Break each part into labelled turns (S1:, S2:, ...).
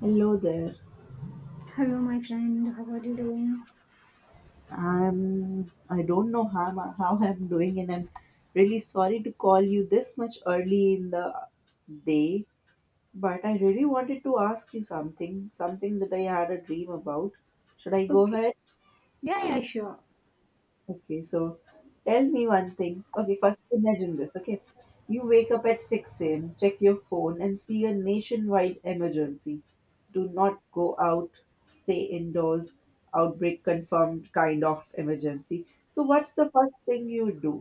S1: Hello there.
S2: Hello, my friend. How are you doing?
S1: I don't know how I'm doing, and I'm really sorry to call you this much early in the day. But I really wanted to ask you something, that I had a dream about. Should I go
S2: Okay.
S1: ahead?
S2: Yeah, yeah, sure.
S1: Okay, so tell me one thing. Okay, first imagine this. Okay, you wake up at 6 a.m., check your phone, and see a nationwide emergency. Do not go out, stay indoors, outbreak confirmed kind of emergency. So, what's the first thing you do?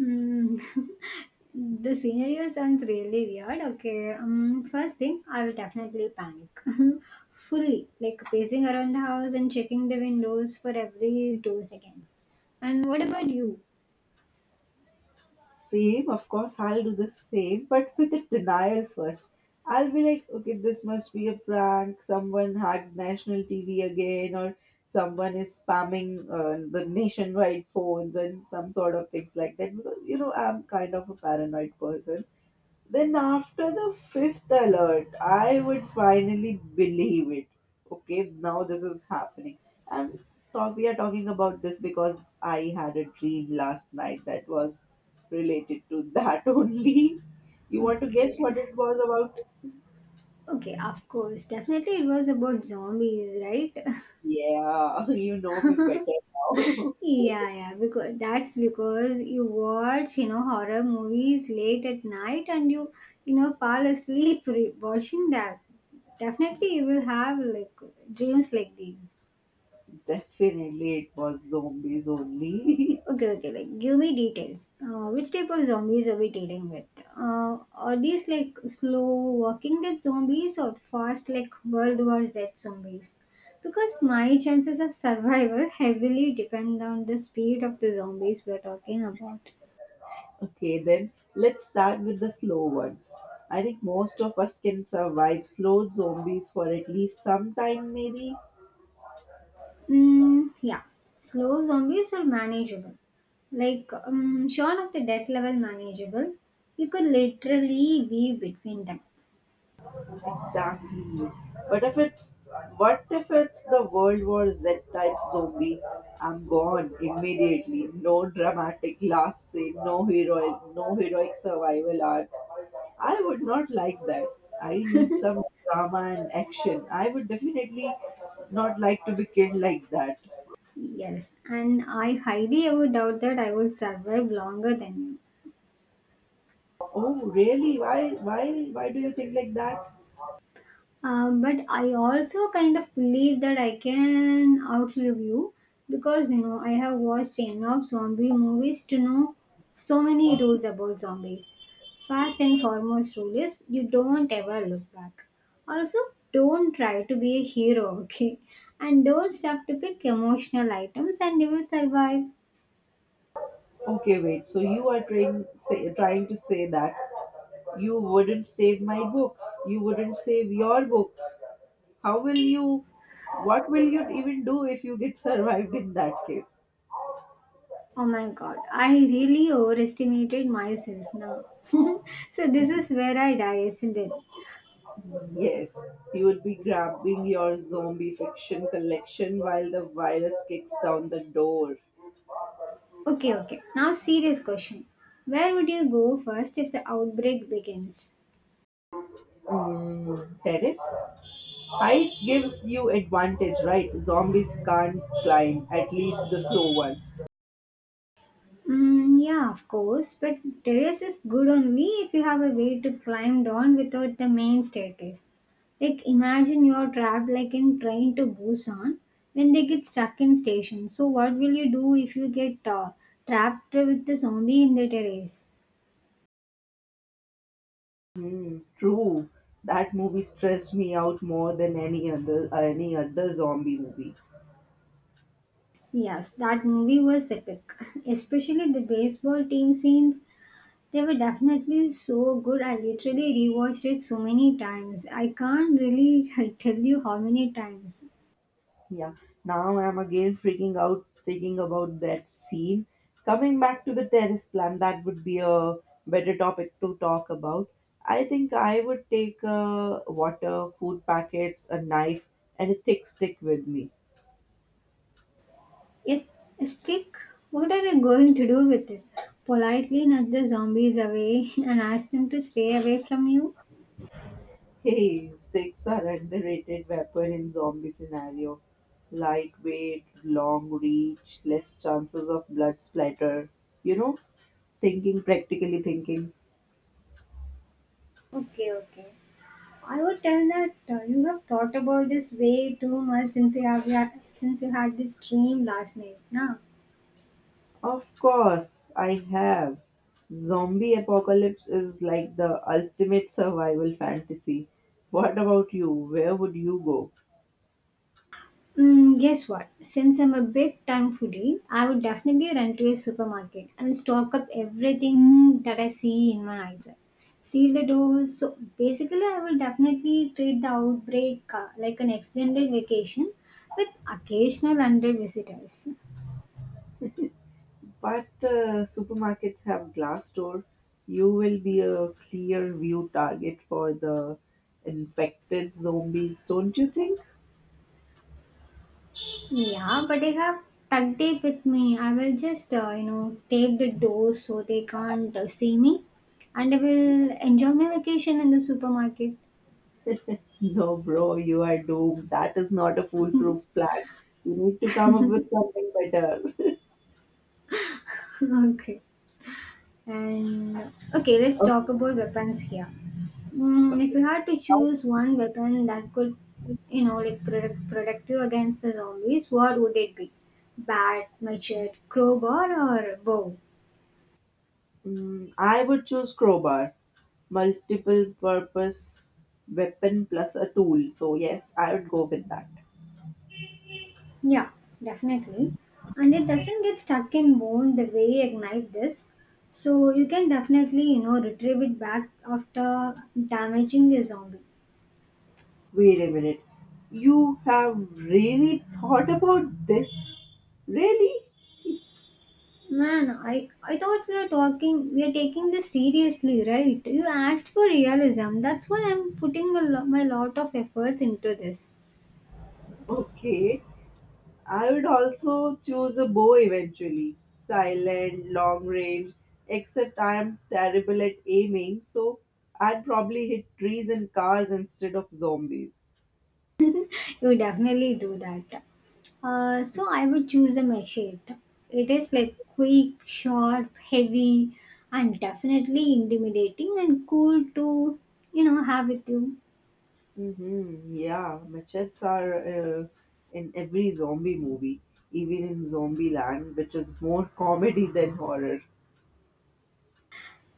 S2: Mm. The scenario sounds really weird. Okay. First thing, I will definitely panic. Fully. Like pacing around the house and checking the windows for every 2 seconds. And what about you?
S1: Same, of course, I'll do the same, but with a denial first. I'll be like, okay, this must be a prank. Someone hacked national TV again, or someone is spamming the nationwide phones and some sort of things like that. Because, I'm kind of a paranoid person. Then after the fifth alert, I would finally believe it. Okay, now this is happening. And we are talking about this because I had a dream last night that was related to that only. You want to guess
S2: Okay.
S1: what it was about?
S2: Okay, of course. Definitely it was about zombies, right?
S1: Yeah, you know me better now.
S2: Yeah, yeah, because that's because you watch, you know, horror movies late at night and you, fall asleep watching that. Definitely you will have like dreams like these.
S1: Definitely it was zombies only.
S2: Okay, okay, like give me details. Which type of zombies are we dealing with? Are these like slow walking dead zombies or fast like World War Z zombies? Because my chances of survival heavily depend on the speed of the zombies we're talking about.
S1: Okay, then let's start with the slow ones. I think most of us can survive slow zombies for at least some time, maybe.
S2: Mm, yeah, slow zombies are manageable. Like, short of the death level manageable, you could literally be between them.
S1: Exactly. But if it's what if it's the World War Z type zombie? I'm gone immediately. No dramatic last scene. No heroic survival arc. I would not like that. I need some drama and action. I would definitely not like to be killed like that.
S2: Yes, and I highly ever doubt that I would survive longer than you.
S1: Oh, really? Why do you think like that?
S2: But I also kind of believe that I can outlive you because you know, I have watched enough zombie movies to know so many rules about zombies. First and foremost rule is you don't ever look back. Also, don't try to be a hero, okay? And don't stop to pick emotional items and you will survive.
S1: Okay, wait. So you are trying to say that you wouldn't save my books. You wouldn't save your books. How will you? What will you even do if you get survived in that case?
S2: Oh my god, I really overestimated myself now. So this is where I die, isn't it?
S1: Yes, you would be grabbing your zombie fiction collection while the virus kicks down the door.
S2: Okay, okay. Now, serious question. Where would you go first if the outbreak begins?
S1: Mm, terrace? Height gives you advantage, right? Zombies can't climb, at least the slow ones.
S2: Mm, yeah, of course, but terrace is good only if you have a way to climb down without the main staircase. Like, imagine you're trapped like in Train to Busan when they get stuck in station. So, what will you do if you get trapped with the zombie in the terrace?
S1: True, that movie stressed me out more than any other zombie movie.
S2: Yes, that movie was epic, especially the baseball team scenes. They were definitely so good. I literally rewatched it so many times. I can't really tell you how many times.
S1: Yeah, now I'm again freaking out thinking about that scene. Coming back to the terrace plan, that would be a better topic to talk about. I think I would take water, food packets, a knife, and a thick stick with me.
S2: It a stick. What are they going to do with it? Politely nudge the zombies away and ask them to stay away from you?
S1: Hey, sticks are underrated weapon in zombie scenario. Lightweight, long reach, less chances of blood splatter. You know, thinking practically thinking.
S2: Okay, okay. I would tell that you have thought about this way too much since you have since you had this dream last night, na?
S1: Of course, I have. Zombie apocalypse is like the ultimate survival fantasy. What about you? Where would you go?
S2: Mm, guess what? Since I'm a big time foodie, I would definitely run to a supermarket and stock up everything that I see in my eyes. Seal the doors. So basically, I will definitely treat the outbreak like an extended vacation with occasional unpaid visitors.
S1: But supermarkets have glass door. You will be a clear view target for the infected zombies, don't you think?
S2: Yeah, but I have duct tape with me. I will just, tape the doors so they can't see me and I will enjoy my vacation in the supermarket.
S1: No, bro, you are doomed. That is not a foolproof plan. You need to come up with something better.
S2: Okay. And okay, let's
S1: Okay.
S2: talk about weapons here. Mm, if
S1: Okay.
S2: you had to
S1: Now,
S2: choose one weapon that could, you know, like protect you against the zombies, what would it be? Bat, machete, crowbar, or bow?
S1: I would choose crowbar, multiple purpose weapon plus a tool. So yes, I would go with that.
S2: Yeah, definitely. And it doesn't get stuck in bone the way a knife does, so you can definitely, you know, retrieve it back after damaging a zombie.
S1: Wait a minute. You have really thought about this? Really?
S2: Man, I thought we are taking this seriously, right? You asked for realism. That's why I'm putting my lot of efforts into this.
S1: Okay. I would also choose a bow eventually. Silent, long range, except I am terrible at aiming, so I'd probably hit trees and cars instead of zombies.
S2: You definitely do that. So I would choose a machete. It is like quick, sharp, heavy, and definitely intimidating and cool to, you know, have with you.
S1: Mm-hmm. Yeah, machetes are uh, in every zombie movie, even in Zombieland, which is more comedy than horror.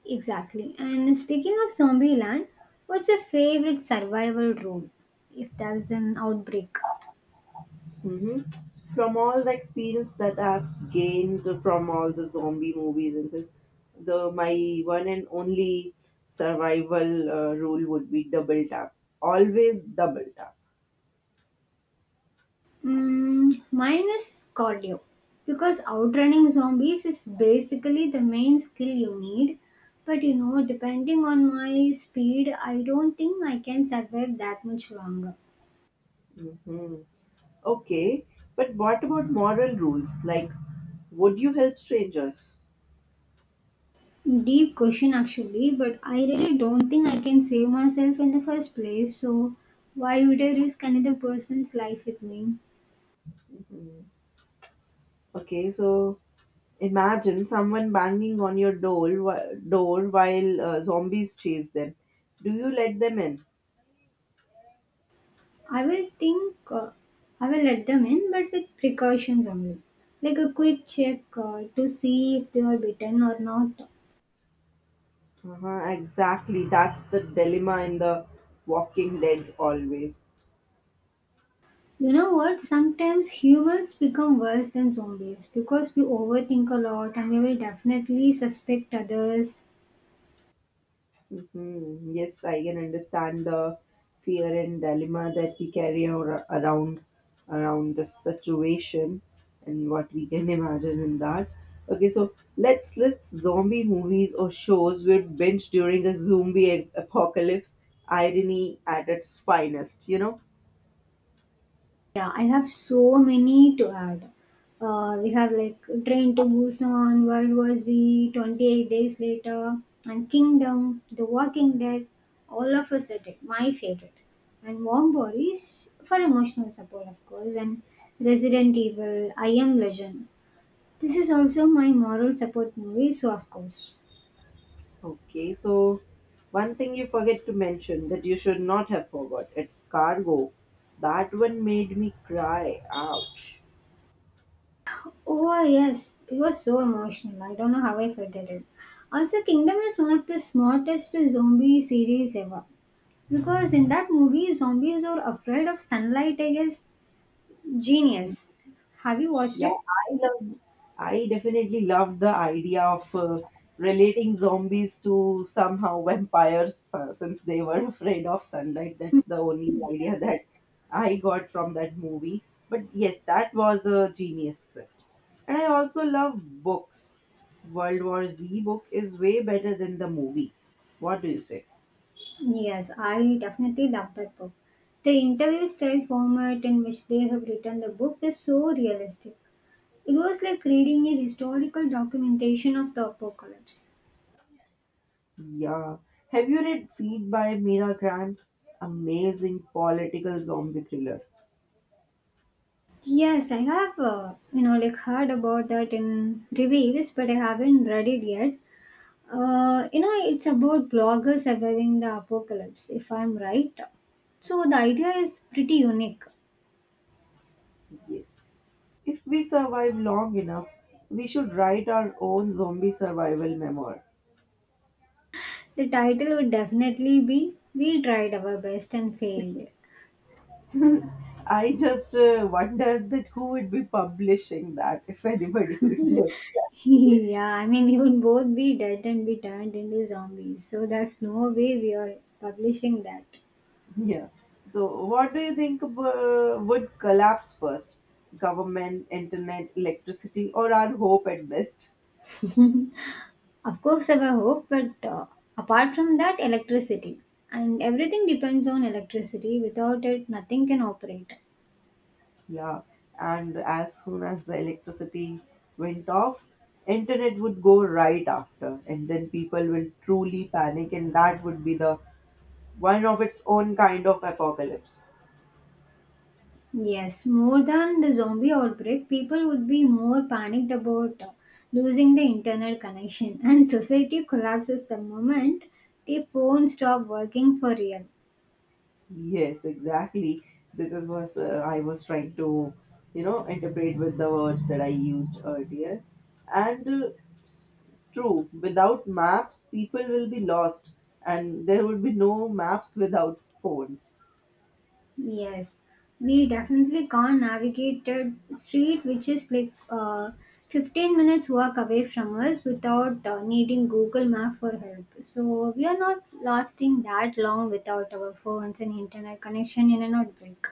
S2: Exactly. And speaking of Zombieland, what's your favorite survival role if there's an outbreak?
S1: hmm From all the experience that I've gained from all the zombie movies and this, the my one and only survival rule would be double tap. Always double tap.
S2: Mm, mine is cardio because outrunning zombies is basically the main skill you need. But you know, depending on my speed, I don't think I can survive that much longer.
S1: Hmm. Okay, but what about moral rules? Like, would you help strangers?
S2: Deep question, actually, but I really don't think I can save myself in the first place. So, why would I risk another person's life with me?
S1: Okay, so imagine someone banging on your door, while zombies chase them. Do you let them in?
S2: I will think I will let them in, but with precautions only, like a quick check to see if they are bitten or not.
S1: Uh-huh, exactly. That's the dilemma in the Walking Dead always.
S2: You know what? Sometimes humans become worse than zombies because we overthink a lot and we will definitely suspect others.
S1: Hmm. Yes, I can understand the fear and dilemma that we carry around the situation and what we can imagine in that. Okay, so let's list zombie movies or shows we'd binge during a zombie apocalypse. Irony at its finest, you know.
S2: Yeah, I have so many to add. We have like Train to Busan, World War Z, 28 Days Later, and Kingdom, The Walking Dead. All of Us Are Dead. My favorite. And Warm Bodies for emotional support, of course, and Resident Evil, I Am Legend. This is also my moral support movie, so of course.
S1: Okay, so one thing you forget to mention that you should not have forgot, it's cargo. That one made me cry. Ouch.
S2: Oh, yes, it was so emotional. I don't know how I forget it. Also, Kingdom is one of the smartest zombie series ever. Because in that movie, zombies are afraid of sunlight, I guess. Genius. Have you watched
S1: Yeah,
S2: it?
S1: I love. I definitely love the idea of relating zombies to somehow vampires, since they were afraid of sunlight. That's the only
S2: Yeah.
S1: idea that I got from that movie. But yes, that was a genius script. And I also love books. World War Z book is way better than the movie. What do you say?
S2: Yes, I definitely love that book. The interview style format in which they have written the book is so realistic. It was like reading a historical documentation of the apocalypse.
S1: Yeah. Have you read Feed by Mira Grant? Amazing political zombie thriller.
S2: Yes, I have, you know, like heard about that in reviews, but I haven't read it yet. You know, it's about bloggers surviving the apocalypse, if I'm right. So the idea is pretty unique.
S1: Yes. If we survive long enough, we should write our own zombie survival memoir.
S2: The title would definitely be We Tried Our Best and Failed.
S1: I just wondered that who would be publishing that if anybody would live.
S2: Yeah, I mean, we would both be dead and be turned into zombies. So that's no way we are publishing that.
S1: Yeah. So, what do you think would collapse first? Government, internet, electricity, or our hope at best?
S2: Of course, I hope, but apart from that, electricity. And everything depends on electricity. Without it, nothing can operate.
S1: Yeah. And as soon as the electricity went off, internet would go right after, and then people will truly panic, and that would be the one of its own kind of apocalypse.
S2: Yes, more than the zombie outbreak, people would be more panicked about losing the internet connection, and society collapses the moment the phone stop working for real.
S1: Yes, exactly. This is what I was trying to, you know, interpret with the words that I used earlier. And s- true, without maps, people will be lost, and there would be no maps without phones.
S2: Yes, we definitely can't navigate that street, which is like 15 minutes walk away from us without needing Google Map for help. So we are not lasting that long without our phones and internet connection in an outbreak.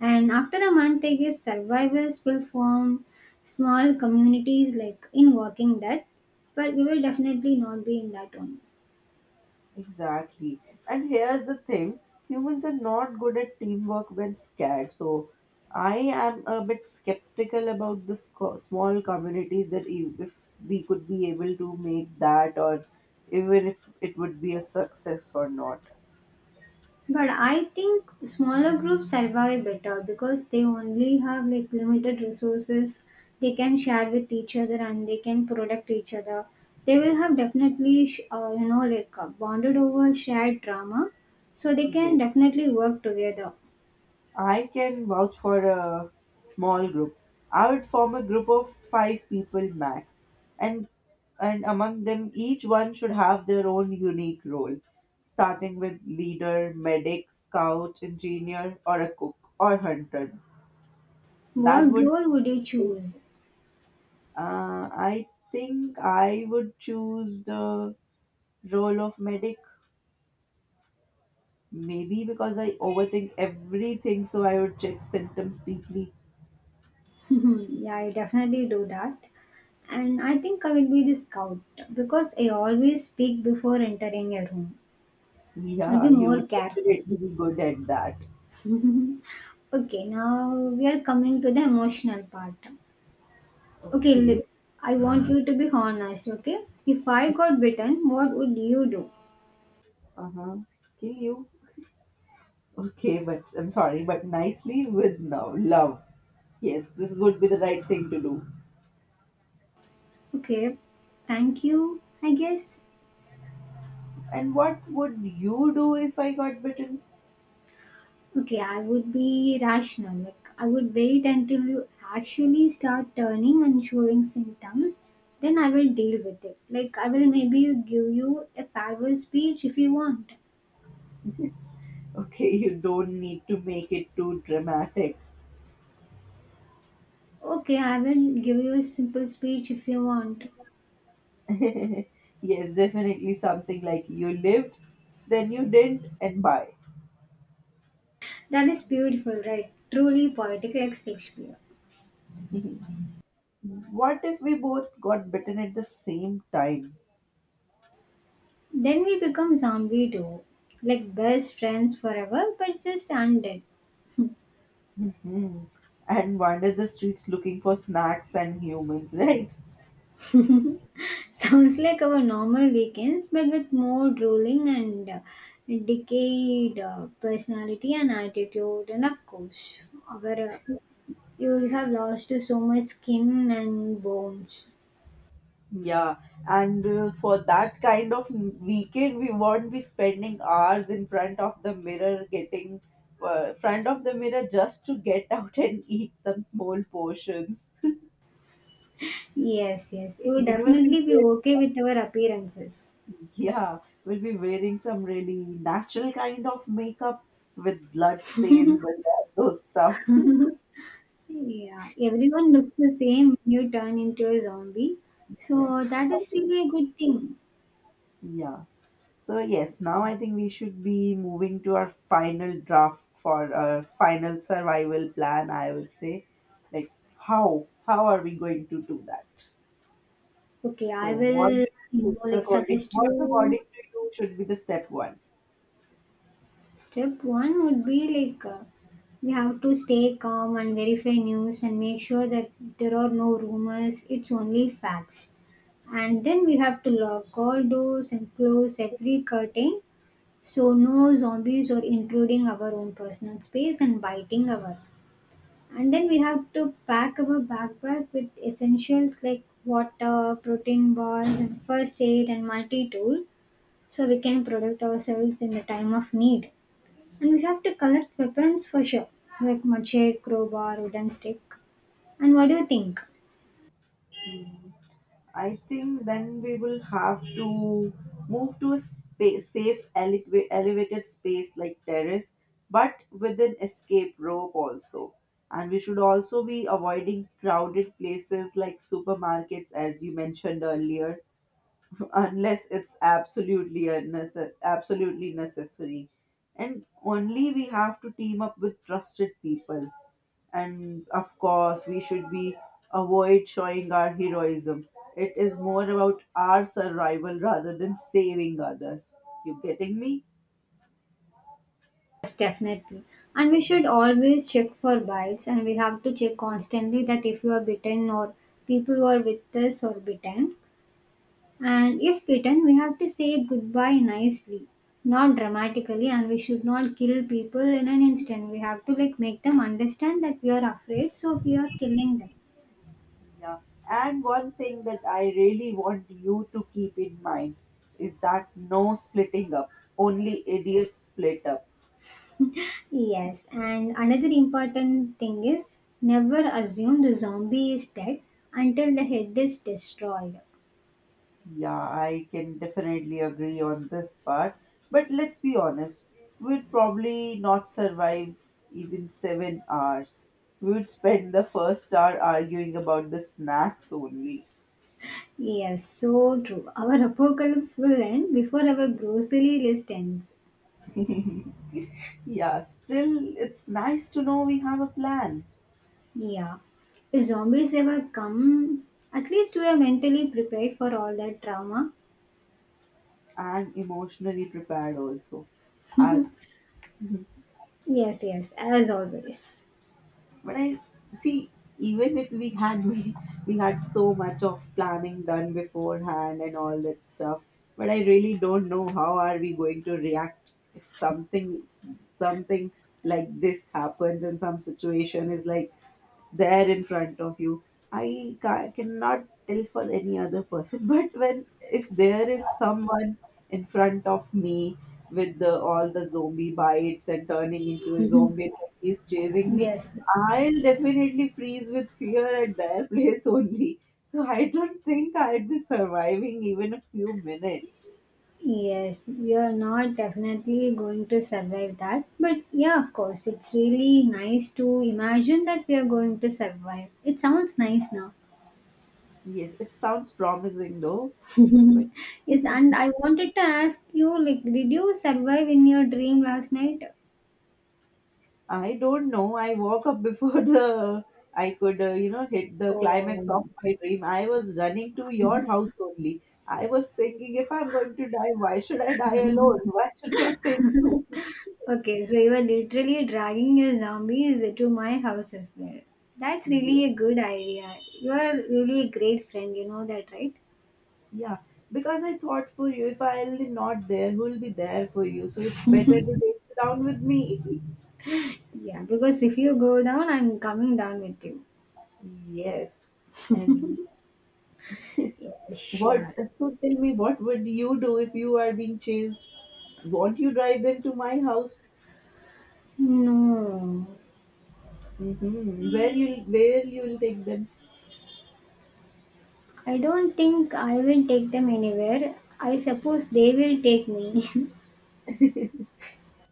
S2: And after a month, I guess survivors will form small communities like in Walking Dead, but we will definitely not be in that one.
S1: Exactly. And here's the thing humans are not good at teamwork when scared. So I am a bit skeptical about the small communities that if we could be able to make that or even if it would be a success or not.
S2: But I think smaller groups survive better because they only have like limited resources they can share with each other and they can protect each other. They will have definitely, you know, like bonded over shared drama, so they can
S1: Yes.
S2: definitely work together.
S1: I can vouch for a small group. I would form a group of five people max, and among them, each one should have their own unique role, starting with leader, medic, scout, engineer, or a cook or hunter. That
S2: What
S1: would.
S2: role would you
S1: Uh,
S2: choose?
S1: I think I would choose the role of medic. Maybe because I overthink everything, so I would check symptoms deeply.
S2: Yeah, I definitely do that. And I think I will be the scout because I always speak before entering a room. I'll be
S1: Yeah, you
S2: more
S1: would
S2: careful.
S1: definitely be good at that.
S2: Okay, now we are coming to the emotional part. Okay,
S1: Okay.
S2: look, I want you to be honest, okay? If I got bitten, what would you do?
S1: Uh-huh. Kill you. Okay, but I'm sorry, but nicely with no love. Yes, this would be the right thing to do.
S2: Okay, thank you, I guess.
S1: And what would you do if I got bitten?
S2: Okay, I would be rational. Like, I would wait until you actually start turning and showing symptoms. Then I will deal with it. Like, I will maybe give you a farewell speech if you want.
S1: Okay, you don't need to make it too dramatic.
S2: Okay, I will give you a simple speech if you want.
S1: Yes, definitely something like you lived, then you didn't, and bye.
S2: That is beautiful, right? Truly poetic, like Shakespeare.
S1: What if we both got bitten at the same time?
S2: Then we become zombie too. Like best friends forever, but just undead.
S1: hmm And wander the streets looking for snacks and humans, right?
S2: Sounds like our normal weekends, but with more drooling and decayed personality and attitude. And of course, our, uh, you would have lost to so much skin and bones.
S1: Yeah, and for that kind of weekend, we won't be spending hours in front of the mirror, getting front of the mirror just to get out and eat some small portions.
S2: Yes, yes. You
S1: We
S2: would
S1: will be,
S2: definitely be okay with our appearances.
S1: yeah, we'll be wearing some really natural kind of makeup with blood stains and all those stuff.
S2: Yeah, everyone looks the same when you turn into a zombie.
S1: Yes,
S2: So that is still a good thing.
S1: yeah. So yes, now I think we should be moving to our final draft for our final survival plan. I would say, like how are we going to do that?
S2: Okay,
S1: So
S2: I will, you know, like suggest
S1: what
S2: you
S1: according to you should be the step one?
S2: step one would be like we have to stay calm and verify news and make sure that there are no rumors, it's only facts. And then we have to lock all doors and close every curtain so no zombies are intruding our own personal space and biting our. And then we have to pack our backpack with essentials like water, protein bars, and first aid and multi tool so we can protect ourselves in the time of need. And we have to collect weapons for sure, like machete, crowbar, wooden stick. And what do you think?
S1: I think then we will have to move to a space, safe elevated space like terrace, but with an escape rope also. And we should also be avoiding crowded places like supermarkets, as you mentioned earlier, unless it's absolutely necessary. And only we have to team up with trusted people, and of course we should be avoid showing our heroism. It is more about our survival rather than saving others. You getting me?
S2: Yes, definitely. And we should always check for bites and we have to check constantly that if you are bitten or people who are with us or bitten. And if bitten, we have to say goodbye nicely, not dramatically, and we should not kill people in an instant. We have to like make them understand that we are afraid, so we are killing them.
S1: Yeah, and one thing that I really want you to keep in mind is that no splitting up. Only idiots split up.
S2: Yes, and another important thing is never assume the zombie is dead until the head is destroyed.
S1: Yeah, I can definitely agree on this part. But let's be honest, we'd probably not survive even 7 hours. We would spend the first hour arguing about the snacks only.
S2: Yes, so true. Our apocalypse will end before our grocery list ends.
S1: Yeah, still, it's nice to know we have a plan
S2: Yeah. If zombies ever come, at least we are mentally prepared for all that trauma.
S1: and emotionally prepared also. As
S2: Yes, yes, as always.
S1: But I see, even if we had so much of planning done beforehand and all that stuff, but I really don't know how are we going to react if something something like this happens and some situation is like there in front of you. I cannot tell for any other person but when if there is someone in front of me with the all the zombie bites and turning into a zombie and he's chasing me.
S2: Yes,
S1: I'll definitely freeze with fear at their place only, so I don't think I'd be surviving even a few minutes.
S2: yes, we are not definitely going to survive that. But yeah, of course, it's really nice to imagine that we are going to survive. It sounds nice now.
S1: Yes, it sounds promising though.
S2: Yes, and I wanted to ask you like, did you survive in your dream last night?
S1: I don't know. I woke up before the I could, you know, hit the climax of
S2: Oh.
S1: my dream. I was running to your house only. I was thinking, if I'm going to die, why should I die alone? Why should not take you?
S2: Okay, so you are literally dragging your zombies to my house as well. That's
S1: Yeah,
S2: really a good idea. You are really a great friend, you know that, right?
S1: yeah. Because I thought for you, if I'll be not there, who'll be there for you? So it's better to take you down with me.
S2: Yeah, because if you go down, I'm coming down with you.
S1: Yes. And
S2: Yeah,
S1: what?
S2: sure.
S1: So tell me, what would you do if you are being chased? Won't you drive them to my house?
S2: No,
S1: Mm-hmm. Where you'll take them.
S2: I don't think I will take them anywhere. I suppose they will take me.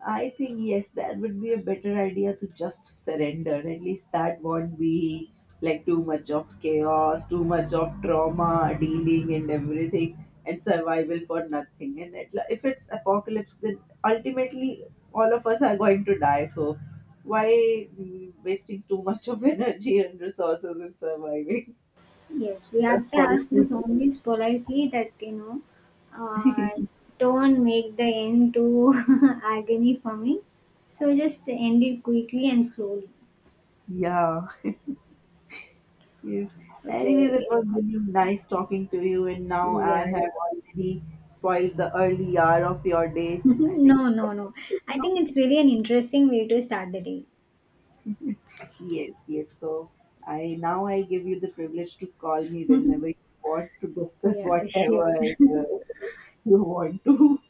S1: I think yes, that would be a better idea to just surrender. At least that won't be like too much of chaos, too much of trauma dealing and everything, and survival for nothing. And if it's apocalypse, then ultimately all of us are going to die. So why wasting too much of energy and resources in surviving
S2: Yes, we have
S1: just
S2: to
S1: for a
S2: ask the
S1: few days?
S2: zombies politely that, you know, uh, don't make the end too agony for me. So just end it quickly and slowly.
S1: Yeah. Yes. Anyways,
S2: Okay.
S1: it was really nice talking to you, and now I
S2: Yeah. Yeah.
S1: have already spoiled the early hour of your day. I think.
S2: No, no, no. I
S1: No?
S2: think it's really an interesting way to start the day.
S1: Yes, yes. So I give you the privilege to call me whenever you want to discuss
S2: Yeah, sure.
S1: whatever uh, you want to.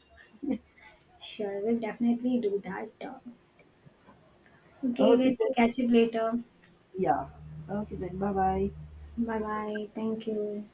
S2: Sure, we'll definitely do that. Okay,
S1: Okay
S2: let's
S1: then.
S2: catch up later.
S1: Yeah. Okay then. Bye bye.
S2: Bye bye. Thank you.